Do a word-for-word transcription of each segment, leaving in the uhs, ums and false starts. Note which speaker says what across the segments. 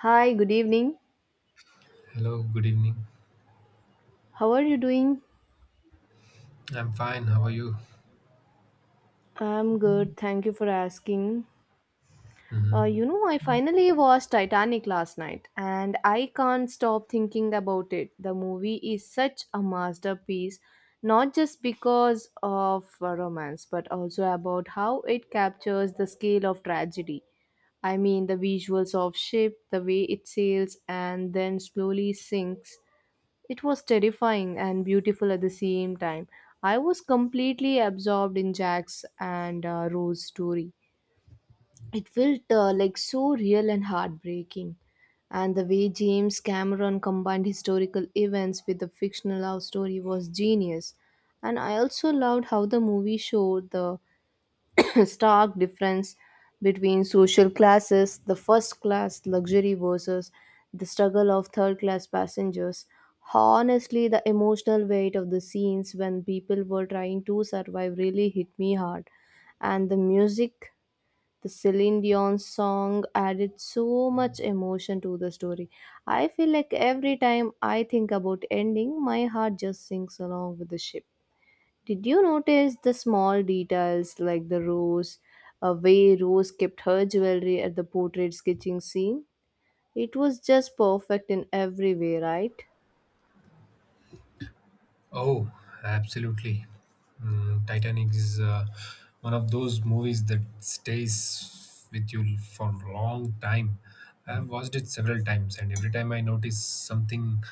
Speaker 1: Hi, good evening.
Speaker 2: Hello, good evening.
Speaker 1: How are you doing?
Speaker 2: I'm fine. How are you?
Speaker 1: I'm good. Thank you for asking. Uh,
Speaker 2: Mhm.
Speaker 1: you know, I finally watched Titanic last night and I can't stop thinking about it. The movie is such a masterpiece, not just because of uh, romance, but also about how it captures the scale of tragedy. I mean, the visuals of ship, the way it sails and then slowly sinks. It was terrifying and beautiful at the same time. I was completely absorbed in Jack's and uh, Rose's story. It felt uh, like so real and heartbreaking. And the way James Cameron combined historical events with a fictional love story was genius. And I also loved how the movie showed the stark difference between social classes, the first class luxury versus the struggle of third class passengers. Honestly, the emotional weight of the scenes when people were trying to survive really hit me hard. And the music, the Celine Dion song added so much emotion to the story. I feel like every time I think about ending, my heart just sinks along with the ship. Did you notice the small details like the rose, a way Rose kept her jewelry at the portrait sketching scene? It was just perfect in every way, right?
Speaker 2: Oh, absolutely. Mm, Titanic is uh, one of those movies that stays with you for a long time. I've watched it several times, and every time I notice something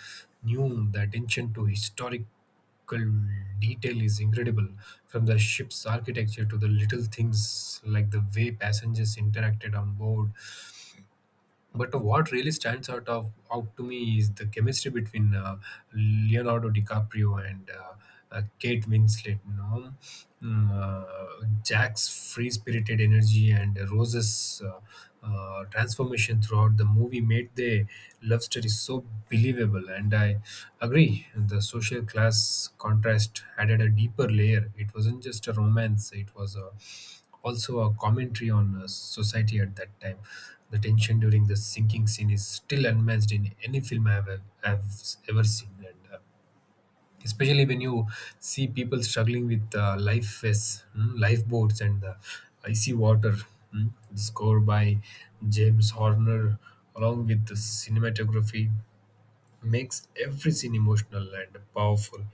Speaker 2: new. The attention to historical detail is incredible. From the ship's architecture to the little things like the way passengers interacted on board, but what really stands out of out to me is the chemistry between uh, Leonardo DiCaprio and uh, uh, Kate Winslet. You know, Mm, uh, Jack's free-spirited energy and Rose's uh, uh, transformation throughout the movie made the love story so believable. And I agree, the social class contrast added a deeper layer. It wasn't just a romance; it was a also a commentary on uh, society at that time. The tension during the sinking scene is still unmatched in any film I've, I've ever seen, and uh, especially when you see people struggling with uh, life vests, mm, lifeboats, and the icy water. mm. The score by James Horner, along with the cinematography, makes every scene emotional and powerful.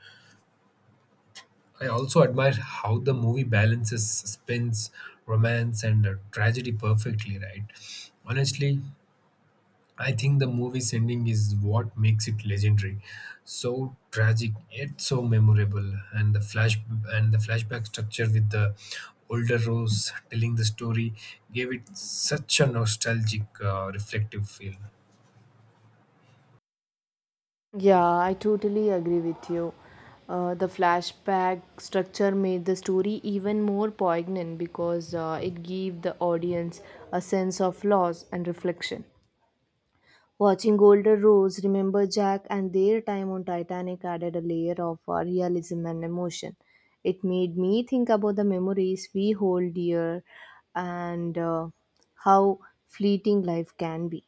Speaker 2: I also admire how the movie balances suspense, romance, and uh, tragedy perfectly, right? Honestly, I think the movie's ending is what makes it legendary. So tragic yet so memorable, and the flash and the flashback structure with the older Rose telling the story gave it such a nostalgic, uh, reflective feel.
Speaker 1: Yeah, I totally agree with you. Uh, the flashback structure made the story even more poignant because uh, it gave the audience a sense of loss and reflection. Watching older roles, remember Jack and their time on Titanic added a layer of uh, realism and emotion. It made me think about the memories we hold dear and uh, how fleeting life can be.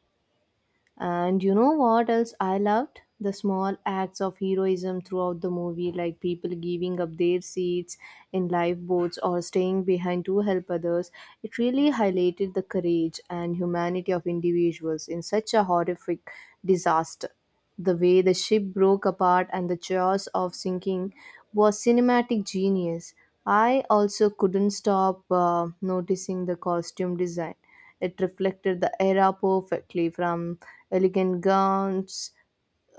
Speaker 1: And you know what else I loved? The small acts of heroism throughout the movie, like people giving up their seats in lifeboats or staying behind to help others. It really highlighted the courage and humanity of individuals in such a horrific disaster. The way the ship broke apart and the chaos of sinking was cinematic genius. I also couldn't stop uh, noticing the costume design. It reflected the era perfectly from elegant gowns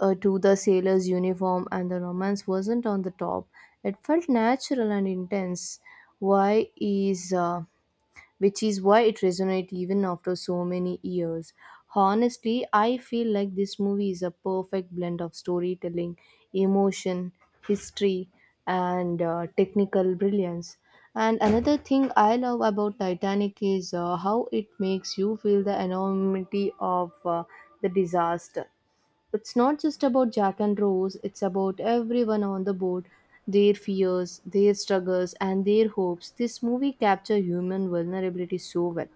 Speaker 1: uh, to the sailor's uniform, and the romance wasn't on the top. It felt natural and intense. Why is uh, Which is why it resonates even after so many years. Honestly, I feel like this movie is a perfect blend of storytelling, emotion, history, and uh, technical brilliance. And another thing I love about Titanic is uh, how it makes you feel the enormity of uh, the disaster. It's not just about Jack and Rose, it's about everyone on the board, their fears, their struggles, and their hopes. This movie captures human vulnerability so well.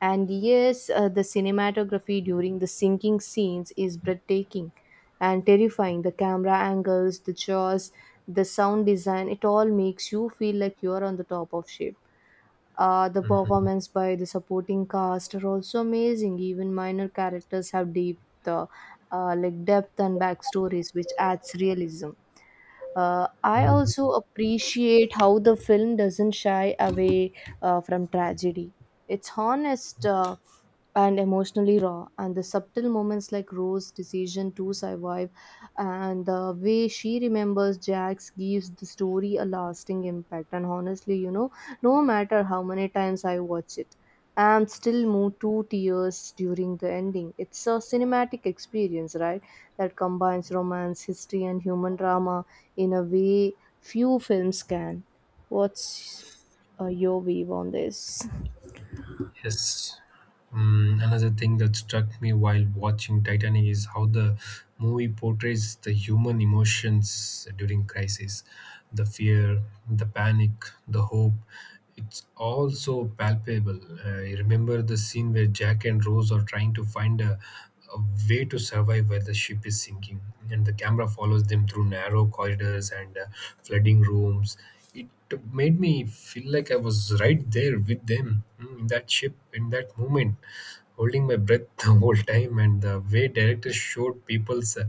Speaker 1: And yes, uh, the cinematography during the sinking scenes is breathtaking and terrifying. The camera angles, the jaws, the sound design, it all makes you feel like you're on the top of shape. Uh, the performance by the supporting cast are also amazing. Even minor characters have deep, uh, uh, like depth and backstories, which adds realism. Uh, I
Speaker 2: Mhm.
Speaker 1: also appreciate how the film doesn't shy away uh, from tragedy. It's honest uh, and emotionally raw, and the subtle moments like Rose's decision to survive and the way she remembers Jax gives the story a lasting impact. And honestly, you know, no matter how many times I watch it, I'm still moved to tears during the ending. It's a cinematic experience, right? That combines romance, history, and human drama in a way few films can. What's uh, Your view on this?
Speaker 2: Yes. Mm, another thing that struck me while watching Titanic is how the movie portrays the human emotions during crisis, the fear, the panic, the hope. It's all so palpable. Uh, I remember the scene where Jack and Rose are trying to find a, a way to survive while the ship is sinking, and the camera follows them through narrow corridors and uh, flooding rooms. It it made me feel like I was right there with them, mm, in that ship, in that moment, holding my breath the whole time. And the way directors showed people's uh,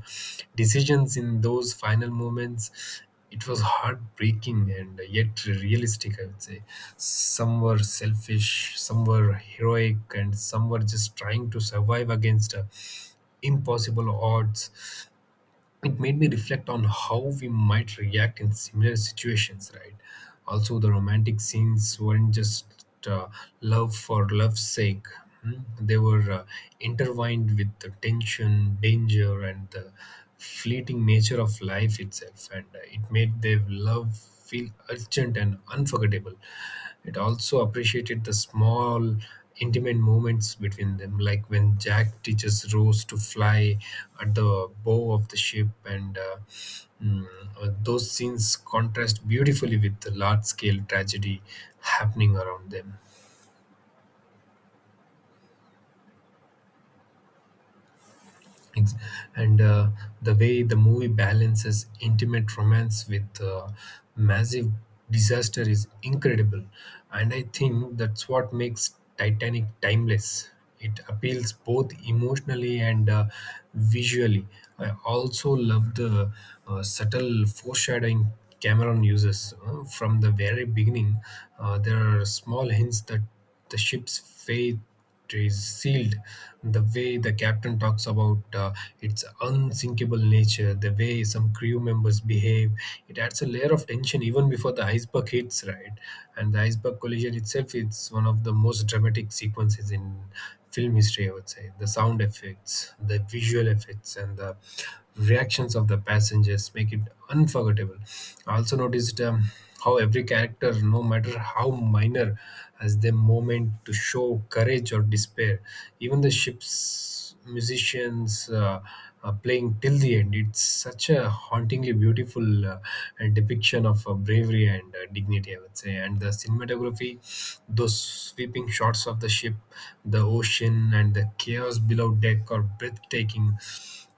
Speaker 2: decisions in those final moments, it was heartbreaking and yet realistic, I would say. Some were selfish, some were heroic, and some were just trying to survive against uh, impossible odds. It made me reflect on how we might react in similar situations, right? Also, the romantic scenes weren't just uh, love for love's sake. hmm? They were uh, intertwined with the tension, danger, and the fleeting nature of life itself, and uh, it made their love feel urgent and unforgettable. It also appreciated the small, intimate moments between them, like when Jack teaches Rose to fly at the bow of the ship, and uh, mm, uh, those scenes contrast beautifully with the large scale tragedy happening around them. Ex- and uh, The way the movie balances intimate romance with uh, massive disaster is incredible, and I think that's what makes Titanic timeless. It appeals both emotionally and uh, visually. I also love the uh, subtle foreshadowing Cameron uses. Uh, from the very beginning, uh, there are small hints that the ship's fate is sealed. The way the captain talks about uh, its unsinkable nature, the way some crew members behave, it adds a layer of tension even before the iceberg hits, right? And the iceberg collision itself is one of the most dramatic sequences in film history, I would say. The sound effects, the visual effects, and the reactions of the passengers make it unforgettable. I also noticed, um, how every character, no matter how minor, has their moment to show courage or despair. Even the ship's musicians uh, are playing till the end. It's such a hauntingly beautiful uh, depiction of uh, bravery and uh, dignity, I would say. And the cinematography, those sweeping shots of the ship, the ocean, and the chaos below deck are breathtaking.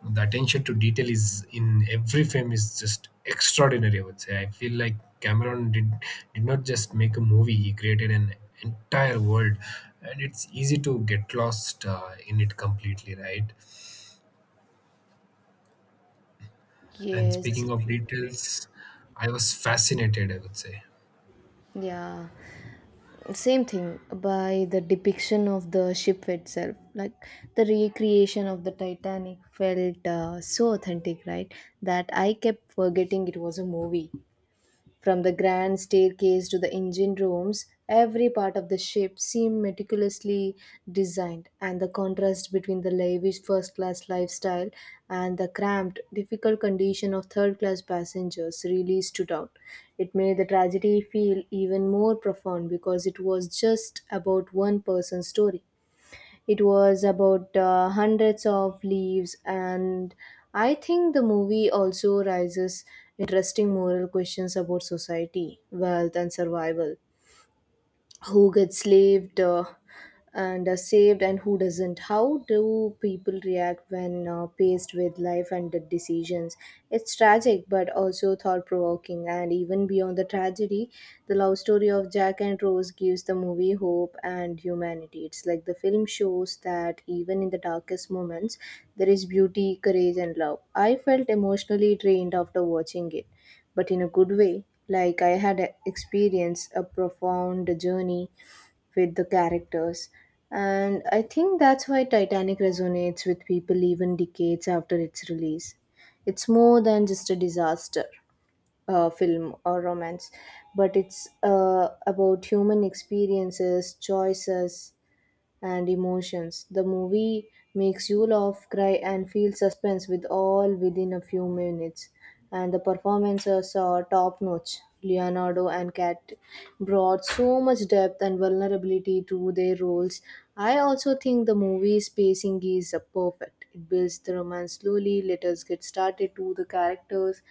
Speaker 2: The attention to detail is in every frame is just extraordinary, I would say. I feel like Cameron did did not just make a movie, he created an entire world, and it's easy to get lost uh, in it completely, right? And
Speaker 1: Yes,
Speaker 2: speaking of details, I was fascinated, I would say.
Speaker 1: yeah, same thing by the depiction of the ship itself. Like the recreation of the Titanic felt uh, so authentic, right? That I kept forgetting it was a movie. From the grand staircase to the engine rooms, every part of the ship seemed meticulously designed, and the contrast between the lavish first class lifestyle and the cramped, difficult condition of third class passengers really stood out. It made the tragedy feel even more profound because it was just about one person's story. It was about uh, hundreds of leaves, and I think the movie also raises interesting moral questions about society, wealth, and survival. Who gets slaved uh, and uh, saved and who doesn't? How do people react when uh, faced with life and death decisions? It's tragic but also thought-provoking, and even beyond the tragedy, the love story of Jack and Rose gives the movie hope and humanity. It's like the film shows that even in the darkest moments there is beauty, courage, and love. I felt emotionally drained after watching it, but in a good way. Like I had experienced a profound journey with the characters. And I think that's why Titanic resonates with people even decades after its release. It's more than just a disaster uh, film or romance, but it's uh, about human experiences, choices, and emotions. The movie makes you laugh, cry, and feel suspense with all within a few minutes. And the performances are top notch. Leonardo and Kat brought so much depth and vulnerability to their roles. I also think the movie's pacing is uh, perfect. It builds the romance slowly, let us get started to the characters,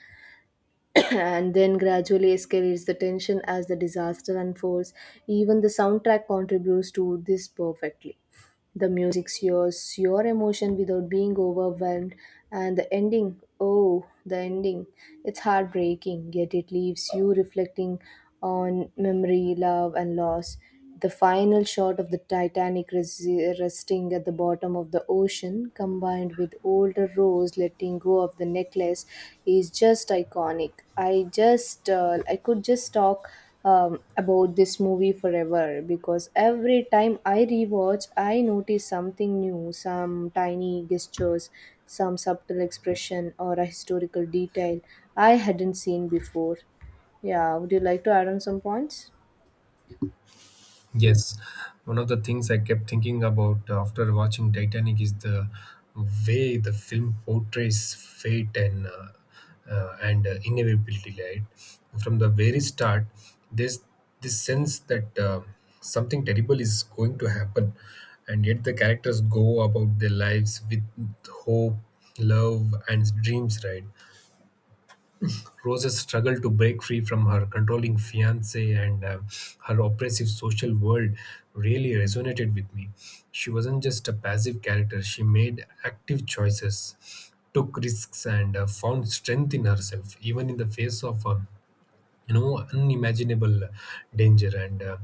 Speaker 1: and then gradually escalates the tension as the disaster unfolds. Even the soundtrack contributes to this perfectly. The music shows your emotion without being overwhelmed, and the ending, oh, the ending, it's heartbreaking, yet it leaves you reflecting on memory, love, and loss. The final shot of the Titanic res- resting at the bottom of the ocean, combined with older Rose letting go of the necklace, is just iconic. I just, uh, I could just talk um, about this movie forever because every time I rewatch, I notice something new, some tiny gestures, some subtle expression, or a historical detail I hadn't seen before. Yeah, would you like to add on some points?
Speaker 2: Yes, one of the things I kept thinking about after watching Titanic is the way the film portrays fate and uh, uh, and uh, inevitability. Right from the very start, there's this sense that uh, something terrible is going to happen, and yet the characters go about their lives with hope, love, and dreams. Right, Rose's struggle to break free from her controlling fiance and uh, her oppressive social world really resonated with me. She wasn't just a passive character, she made active choices, took risks, and uh, found strength in herself, even in the face of uh, you know, unimaginable danger. And uh,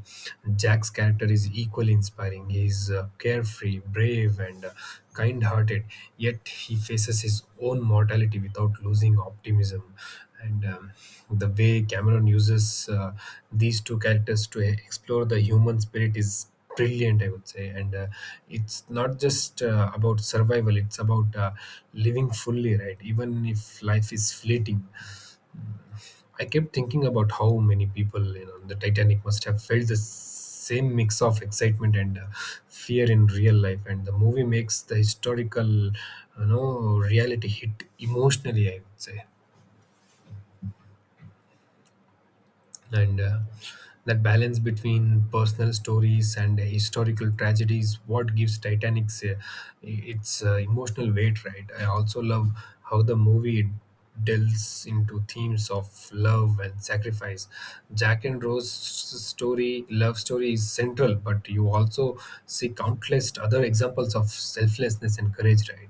Speaker 2: Jack's character is equally inspiring. He's uh, carefree, brave, and uh, kind-hearted, yet he faces his own mortality without losing optimism. And um, the way Cameron uses uh, these two characters to explore the human spirit is brilliant, I would say. And uh, it's not just uh, about survival, it's about uh, living fully, right, even if life is fleeting. I kept thinking about how many people, you know, on the Titanic must have felt the same mix of excitement and uh, fear in real life, and the movie makes the historical, you know, reality hit emotionally, I would say. And uh, that balance between personal stories and uh, historical tragedies what gives Titanic's uh, its uh, emotional weight, right? I also love how the movie delves into themes of love and sacrifice. Jack and Rose story love story is central, but you also see countless other examples of selflessness and courage, right,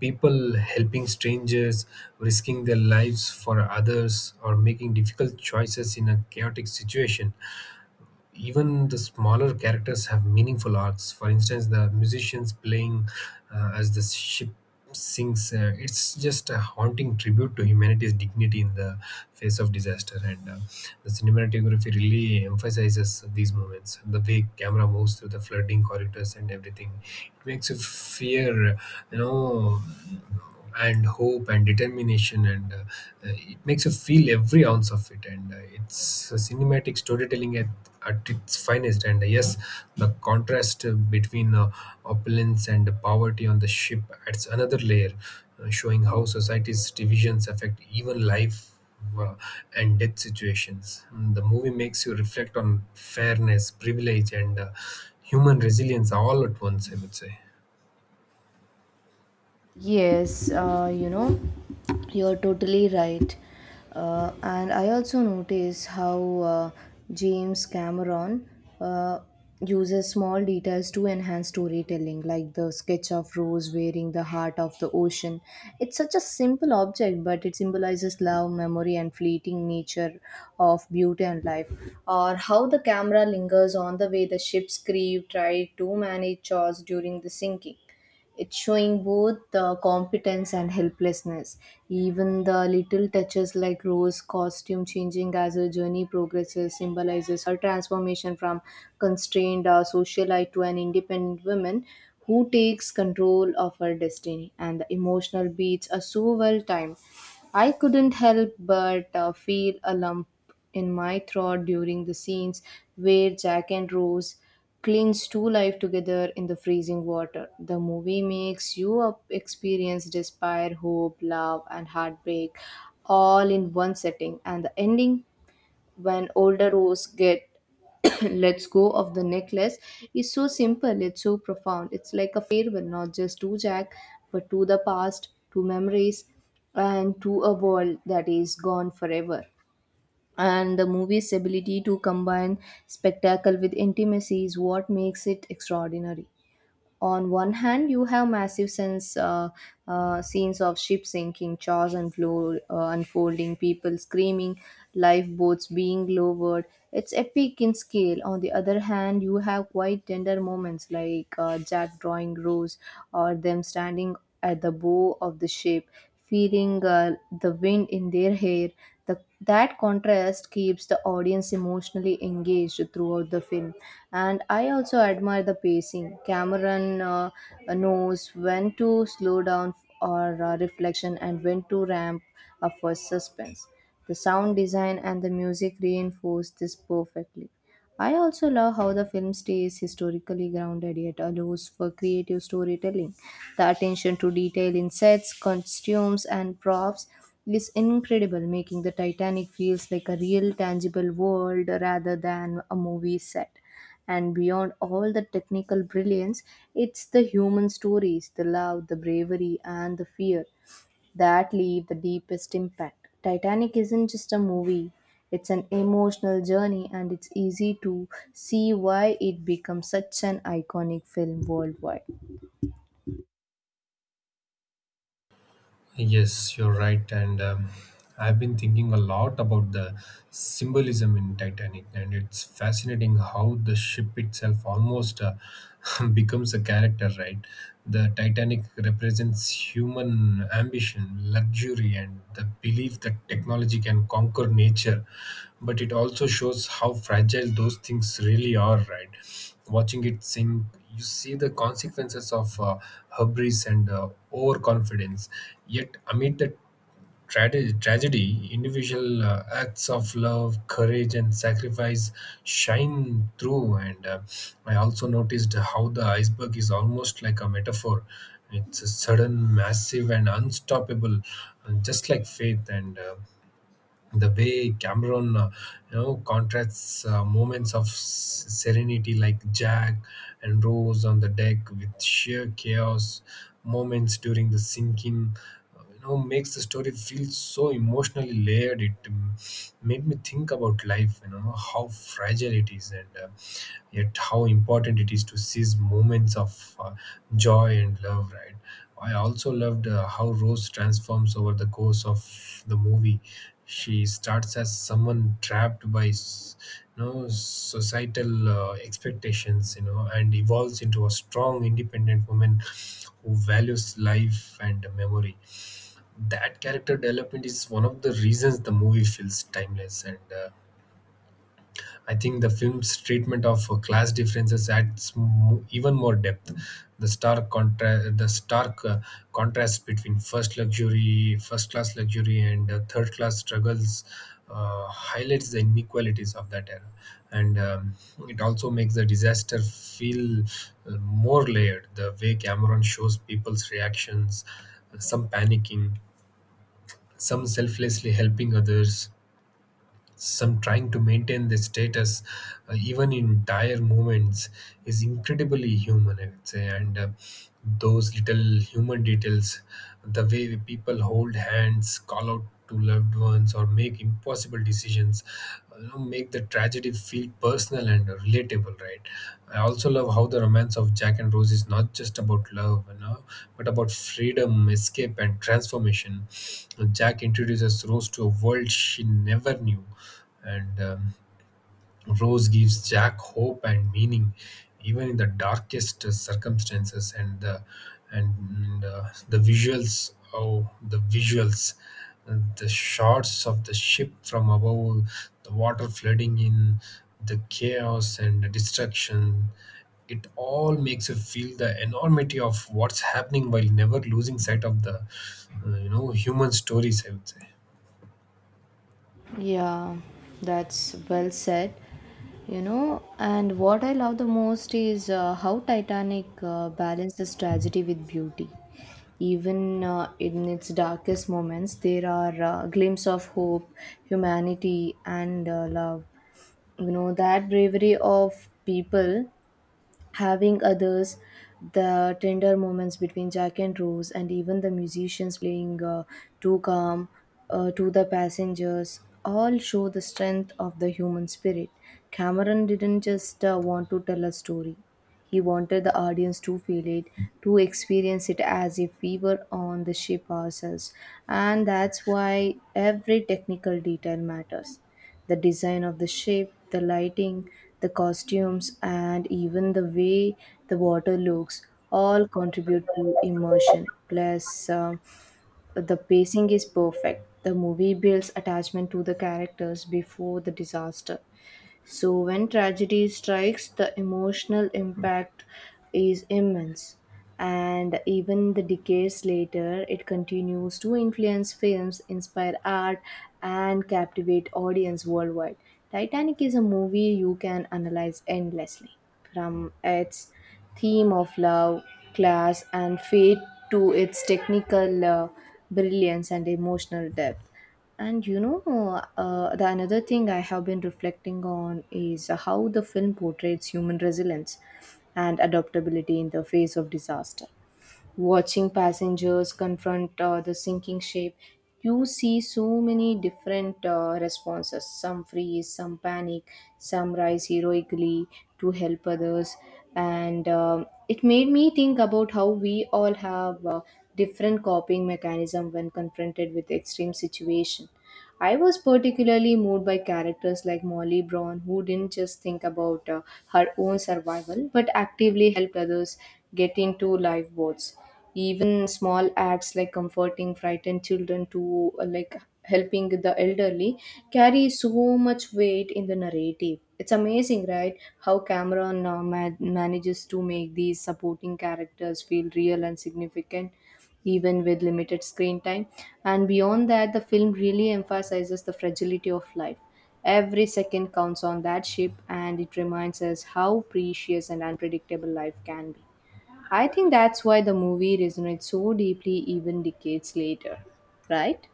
Speaker 2: people helping strangers, risking their lives for others, or making difficult choices in a chaotic situation. Even the smaller characters have meaningful arcs. For instance, the musicians playing uh, as the ship sinks. Uh, it's just a haunting tribute to humanity's dignity in the face of disaster. And uh, the cinematography really emphasizes these moments. The way camera moves through the flooding corridors and everything, it makes you fear, you know, and hope and determination. And uh, uh, it makes you feel every ounce of it, and uh, it's a cinematic storytelling at, at its finest. And uh, yes, the contrast uh, between uh, opulence and poverty on the ship adds another layer, uh, showing how society's divisions affect even life uh, and death situations. Mm, The movie makes you reflect on fairness, privilege, and uh, human resilience all at once, I would say.
Speaker 1: Yes, uh, you know, you're totally right. Uh, and I also notice how uh, James Cameron uh, uses small details to enhance storytelling, like the sketch of Rose wearing the heart of the ocean. It's such a simple object, but it symbolizes love, memory, and fleeting nature of beauty and life. Or how the camera lingers on the way the ship's crew tried to manage chores during the sinking. It's showing both the competence and helplessness. Even the little touches like Rose's costume changing as her journey progresses symbolizes her transformation from constrained uh, socialite to an independent woman who takes control of her destiny. And the emotional beats are so well timed. I couldn't help but uh, feel a lump in my throat during the scenes where Jack and Rose clings to life together in the freezing water. The movie makes you up- experience despair, hope, love, and heartbreak all in one setting. And the ending, when older Rose get lets go of the necklace, is so simple, it's so profound. It's like a farewell, not just to Jack but to the past, to memories, and to a world that is gone forever. And the movie's ability to combine spectacle with intimacy is what makes it extraordinary. On one hand you have massive sense uh, uh, scenes of ships sinking, chars and flow uh, unfolding, people screaming, lifeboats being lowered. It's epic in scale. On the other hand you have quite tender moments like uh, Jack drawing Rose, or them standing at the bow of the ship, feeling uh, the wind in their hair. The, that contrast keeps the audience emotionally engaged throughout the film. And I also admire the pacing. Cameron uh, knows when to slow down or uh, reflection and when to ramp up for suspense. The sound design and the music reinforce this perfectly. I also love how the film stays historically grounded yet allows for creative storytelling. The attention to detail in sets, costumes, and props is incredible, making the Titanic feels like a real, tangible world rather than a movie set. And beyond all the technical brilliance, it's the human stories, the love, the bravery, and the fear that leave the deepest impact. Titanic isn't just a movie, it's an emotional journey, and it's easy to see why it became such an iconic film worldwide.
Speaker 2: Yes, you're right. And um, I've been thinking a lot about the symbolism in Titanic, and it's fascinating how the ship itself almost uh, becomes a character, right? The Titanic represents human ambition, luxury, and the belief that technology can conquer nature. But it also shows how fragile those things really are, right? Watching it sink, you see the consequences of uh, hubris and uh, overconfidence. Yet, amid the trage- tragedy, individual uh, acts of love, courage, and sacrifice shine through. And uh, I also noticed how the iceberg is almost like a metaphor. It's a sudden, massive, and unstoppable, uh, just like faith. And uh, the way Cameron, uh, you know, contrasts uh, moments of s- serenity, like Jack and Rose on the deck, with sheer chaos, moments during the sinking, uh, you know, makes the story feel so emotionally layered. It, um, made me think about life, you know, how fragile it is, and uh, yet how important it is to seize moments of uh, joy and love, right? I also loved uh, how Rose transforms over the course of the movie. She starts as someone trapped by s- you know, societal uh, expectations, you know, and evolves into a strong, independent woman who values life and memory. That character development is one of the reasons the movie feels timeless. And uh, I think the film's treatment of uh, class differences adds mo- even more depth. The stark contra- the stark uh, contrast between first luxury, first class luxury, and uh, third class struggles uh, highlights the inequalities of that era, and um, it also makes the disaster feel uh, more layered. The way Cameron shows people's reactions, some panicking, some selflessly helping others, some trying to maintain their status uh, even in dire moments, is incredibly human, I would say. And uh, those little human details, the way people hold hands, call out to loved ones, or make impossible decisions, you know, make the tragedy feel personal and relatable, right? I also love how the romance of Jack and Rose is not just about love, you know, but about freedom, escape, and transformation. Jack introduces Rose to a world she never knew, and um, Rose gives Jack hope and meaning, even in the darkest uh, circumstances. And the and uh, the visuals, oh, the visuals, uh, the shots of the ship from above, the water flooding in, the chaos and the destruction. It all makes you feel the enormity of what's happening while never losing sight of the, uh, you know, human stories, I would say.
Speaker 1: Yeah, that's well said. You know, and what I love the most is uh, how Titanic uh, balances tragedy with beauty. Even uh, in its darkest moments, there are uh, glimpses of hope, humanity, and uh, love. You know that bravery of people having others, the tender moments between Jack and Rose, and even the musicians playing uh, too calm uh, to the passengers all show the strength of the human spirit. Cameron didn't just uh, want to tell a story, he wanted the audience to feel it, to experience it as if we were on the ship ourselves. And that's why every technical detail matters. The design of the ship, the lighting, the costumes, and even the way the water looks all contribute to immersion. Plus, um, the pacing is perfect. The movie builds attachment to the characters before the disaster. So, when tragedy strikes, the emotional impact is immense. And even the decades later, it continues to influence films, inspire art, and captivate audience worldwide. Titanic is a movie you can analyze endlessly, from its theme of love, class, and fate to its technical uh, brilliance and emotional depth. And you know, uh, the another thing I have been reflecting on is how the film portrays human resilience and adaptability in the face of disaster. Watching passengers confront uh, the sinking ship, you see so many different uh, responses. Some freeze, some panic, some rise heroically to help others. And um, it made me think about how we all have uh, different coping mechanism when confronted with extreme situation. I was particularly moved by characters like Molly Brown, who didn't just think about uh, her own survival but actively helped others get into lifeboats. Even small acts like comforting frightened children to uh, like helping the elderly carry so much weight in the narrative. It's amazing, right? How Cameron uh, ma- manages to make these supporting characters feel real and significant even with limited screen time. And beyond that, the film really emphasizes the fragility of life. Every second counts on that ship, and it reminds us how precious and unpredictable life can be. I think that's why the movie resonates so deeply even decades later, right?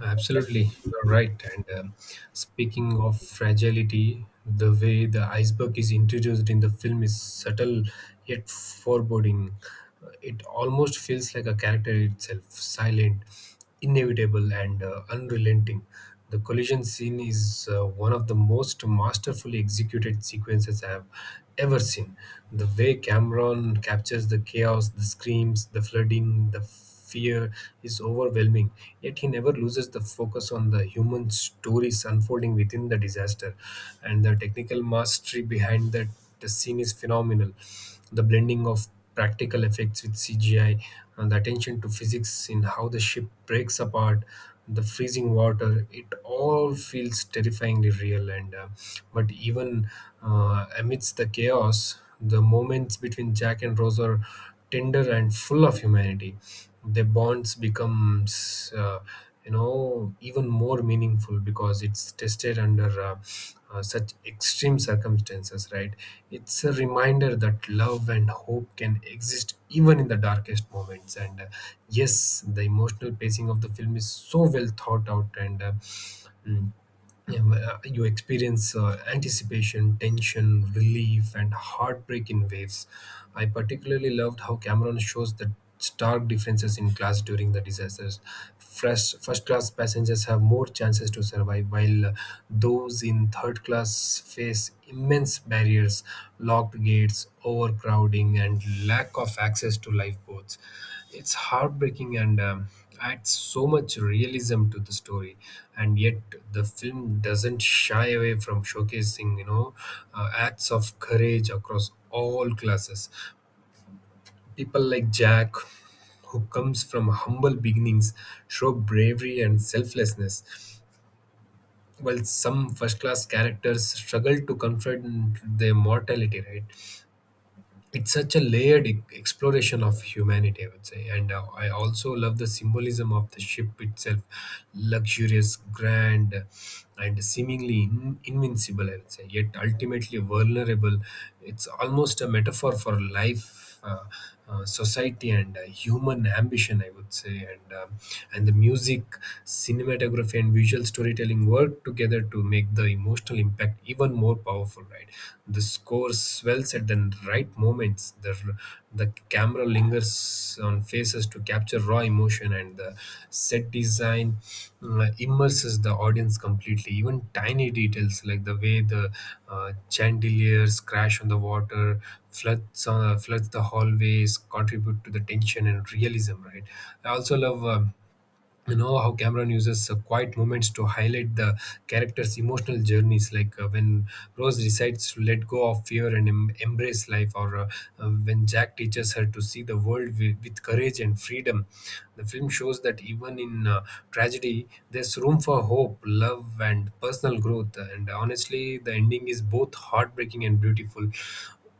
Speaker 2: Absolutely, you're right. And um, speaking of fragility, the way the iceberg is introduced in the film is subtle yet foreboding. Uh, It almost feels like a character itself, silent, inevitable, and uh, unrelenting. The collision scene is uh, one of the most masterfully executed sequences I have ever seen. The way Cameron captures the chaos, the screams, the flooding, the fear is overwhelming, yet he never loses the focus on the human stories unfolding within the disaster. And the technical mastery behind that the scene is phenomenal. The blending of practical effects with C G I, and the attention to physics in how the ship breaks apart, the freezing water, it all feels terrifyingly real. And uh, but even uh, amidst the chaos, the moments between Jack and Rose are tender and full of humanity. Their bonds becomes uh, you know even more meaningful because it's tested under uh, uh, such extreme circumstances, right? It's a reminder that love and hope can exist even in the darkest moments. And uh, yes the emotional pacing of the film is so well thought out. And uh, mm, yeah, well, uh, you experience uh, anticipation, tension, relief, and heartbreak in waves. I particularly loved how Cameron shows the stark differences in class during the disasters. First, first class passengers have more chances to survive, while uh, those in third class face immense barriers, locked gates, overcrowding, and lack of access to lifeboats. It's heartbreaking and um, adds so much realism to the story. And yet the film doesn't shy away from showcasing, you know, uh, acts of courage across all classes. People like Jack, who comes from humble beginnings, show bravery and selflessness, while some first class characters struggle to confront their mortality, right? It's such a layered e- exploration of humanity, I would say. And uh, i also love the symbolism of the ship itself: luxurious, grand, and seemingly in- invincible, I would say, yet ultimately vulnerable. It's almost a metaphor for life, uh, uh, society, and uh, human ambition, I would say. And um, and the music, cinematography, and visual storytelling work together to make the emotional impact even more powerful, right? The score swells at the right moments. The, the camera lingers on faces to capture raw emotion, and the set design uh, immerses the audience completely. Even tiny details, like the way the uh, chandeliers crash on the water, floods, uh, floods the hallways, contribute to the tension and realism, right? I also love, Um, you know, how Cameron uses uh, quiet moments to highlight the character's emotional journeys, like uh, when Rose decides to let go of fear and em- embrace life, or uh, uh, when Jack teaches her to see the world wi- with courage and freedom. The film shows that even in uh, tragedy, there's room for hope, love, and personal growth. And honestly, the ending is both heartbreaking and beautiful.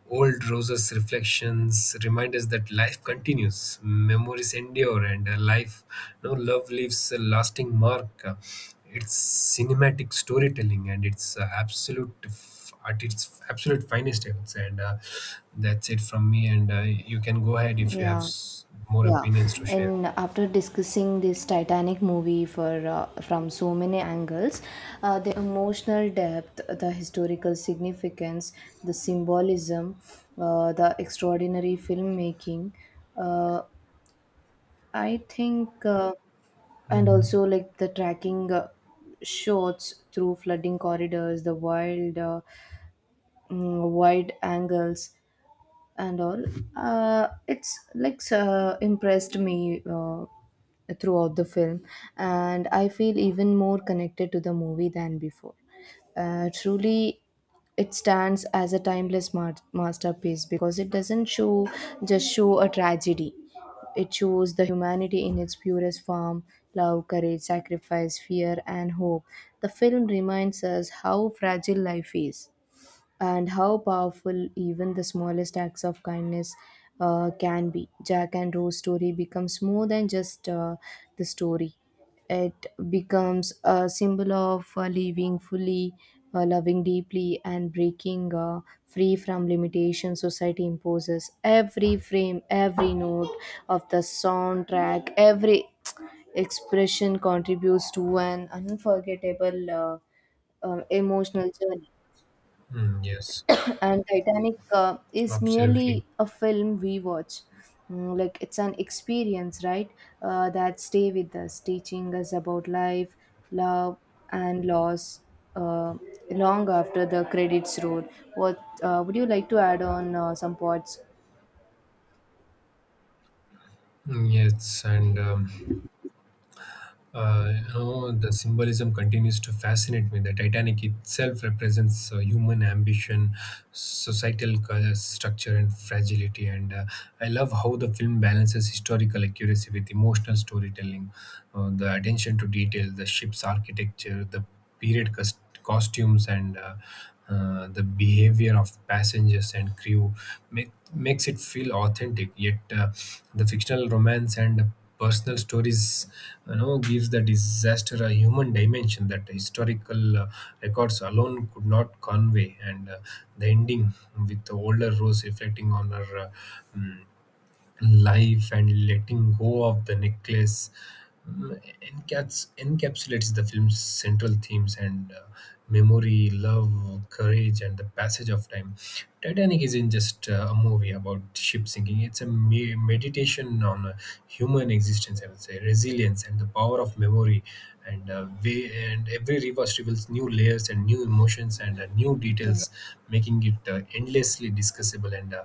Speaker 2: Old Rose's reflections remind us that life continues, memories endure, and uh, life, no love leaves a lasting mark. Uh, It's cinematic storytelling, and it's uh, absolute f- at its absolute finest, I would say. And uh, that's it from me. And uh, you can go ahead if you have
Speaker 1: Yeah.
Speaker 2: s- more
Speaker 1: Yeah.
Speaker 2: opinions to share.
Speaker 1: And after discussing this Titanic movie for uh, from so many angles, uh, the emotional depth, the historical significance, the symbolism, uh, the extraordinary filmmaking, uh, I think uh, and
Speaker 2: Mhm.
Speaker 1: also like the tracking uh, shots through flooding corridors, the wild uh, mm, wide angles and all, uh, it's like uh, impressed me uh, throughout the film, and I feel even more connected to the movie than before. Uh, truly, it stands as a timeless ma- masterpiece because it doesn't show just show a tragedy, it shows the humanity in its purest form: love, courage, sacrifice, fear, and hope. The film reminds us how fragile life is and how powerful even the smallest acts of kindness uh, can be. Jack and Rose story becomes more than just uh, the story. It becomes a symbol of uh, living fully, uh, loving deeply, and breaking uh, free from limitations society imposes. Every frame, every note of the soundtrack, every expression contributes to an unforgettable uh, um, emotional journey,
Speaker 2: Mm, yes,
Speaker 1: and Titanic uh, is
Speaker 2: absolutely.
Speaker 1: merely a film we watch. Mm, like it's an experience, right? Uh, that stay with us, teaching us about life, love, and loss. Uh, Long after the credits roll. What uh, would you like to add on uh, some points?
Speaker 2: Mm, yes, and um, Uh, you know, the symbolism continues to fascinate me. The Titanic itself represents uh, human ambition, societal cul- structure, and fragility. And uh, I love how the film balances historical accuracy with emotional storytelling. Uh, the attention to detail, the ship's architecture, the period cus- costumes, and uh, uh, the behavior of passengers and crew make, makes it feel authentic, yet uh, the fictional romance and personal stories, you know, gives the disaster a human dimension that historical uh, records alone could not convey. And uh, the ending, with the older Rose reflecting on her uh, mm, life and letting go of the necklace, mm, encaps- encapsulates the film's central themes, and uh, memory, love, courage, and the passage of time. Titanic isn't just uh, a movie about ship sinking, it's a me- meditation on uh, human existence, I would say, resilience, and the power of memory. And, uh, way, and every reverse reveals new layers, and new emotions, and uh, new
Speaker 1: Yeah,
Speaker 2: details, making it uh, endlessly discussable and uh,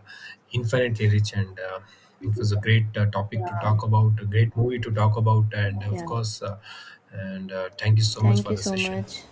Speaker 2: infinitely rich. And uh, it was a great uh, topic to
Speaker 1: yeah.
Speaker 2: talk about, a great movie to talk about, and of
Speaker 1: Yeah.
Speaker 2: course, uh, and uh, thank you so much
Speaker 1: Thank
Speaker 2: for
Speaker 1: you
Speaker 2: the
Speaker 1: so
Speaker 2: session.
Speaker 1: much.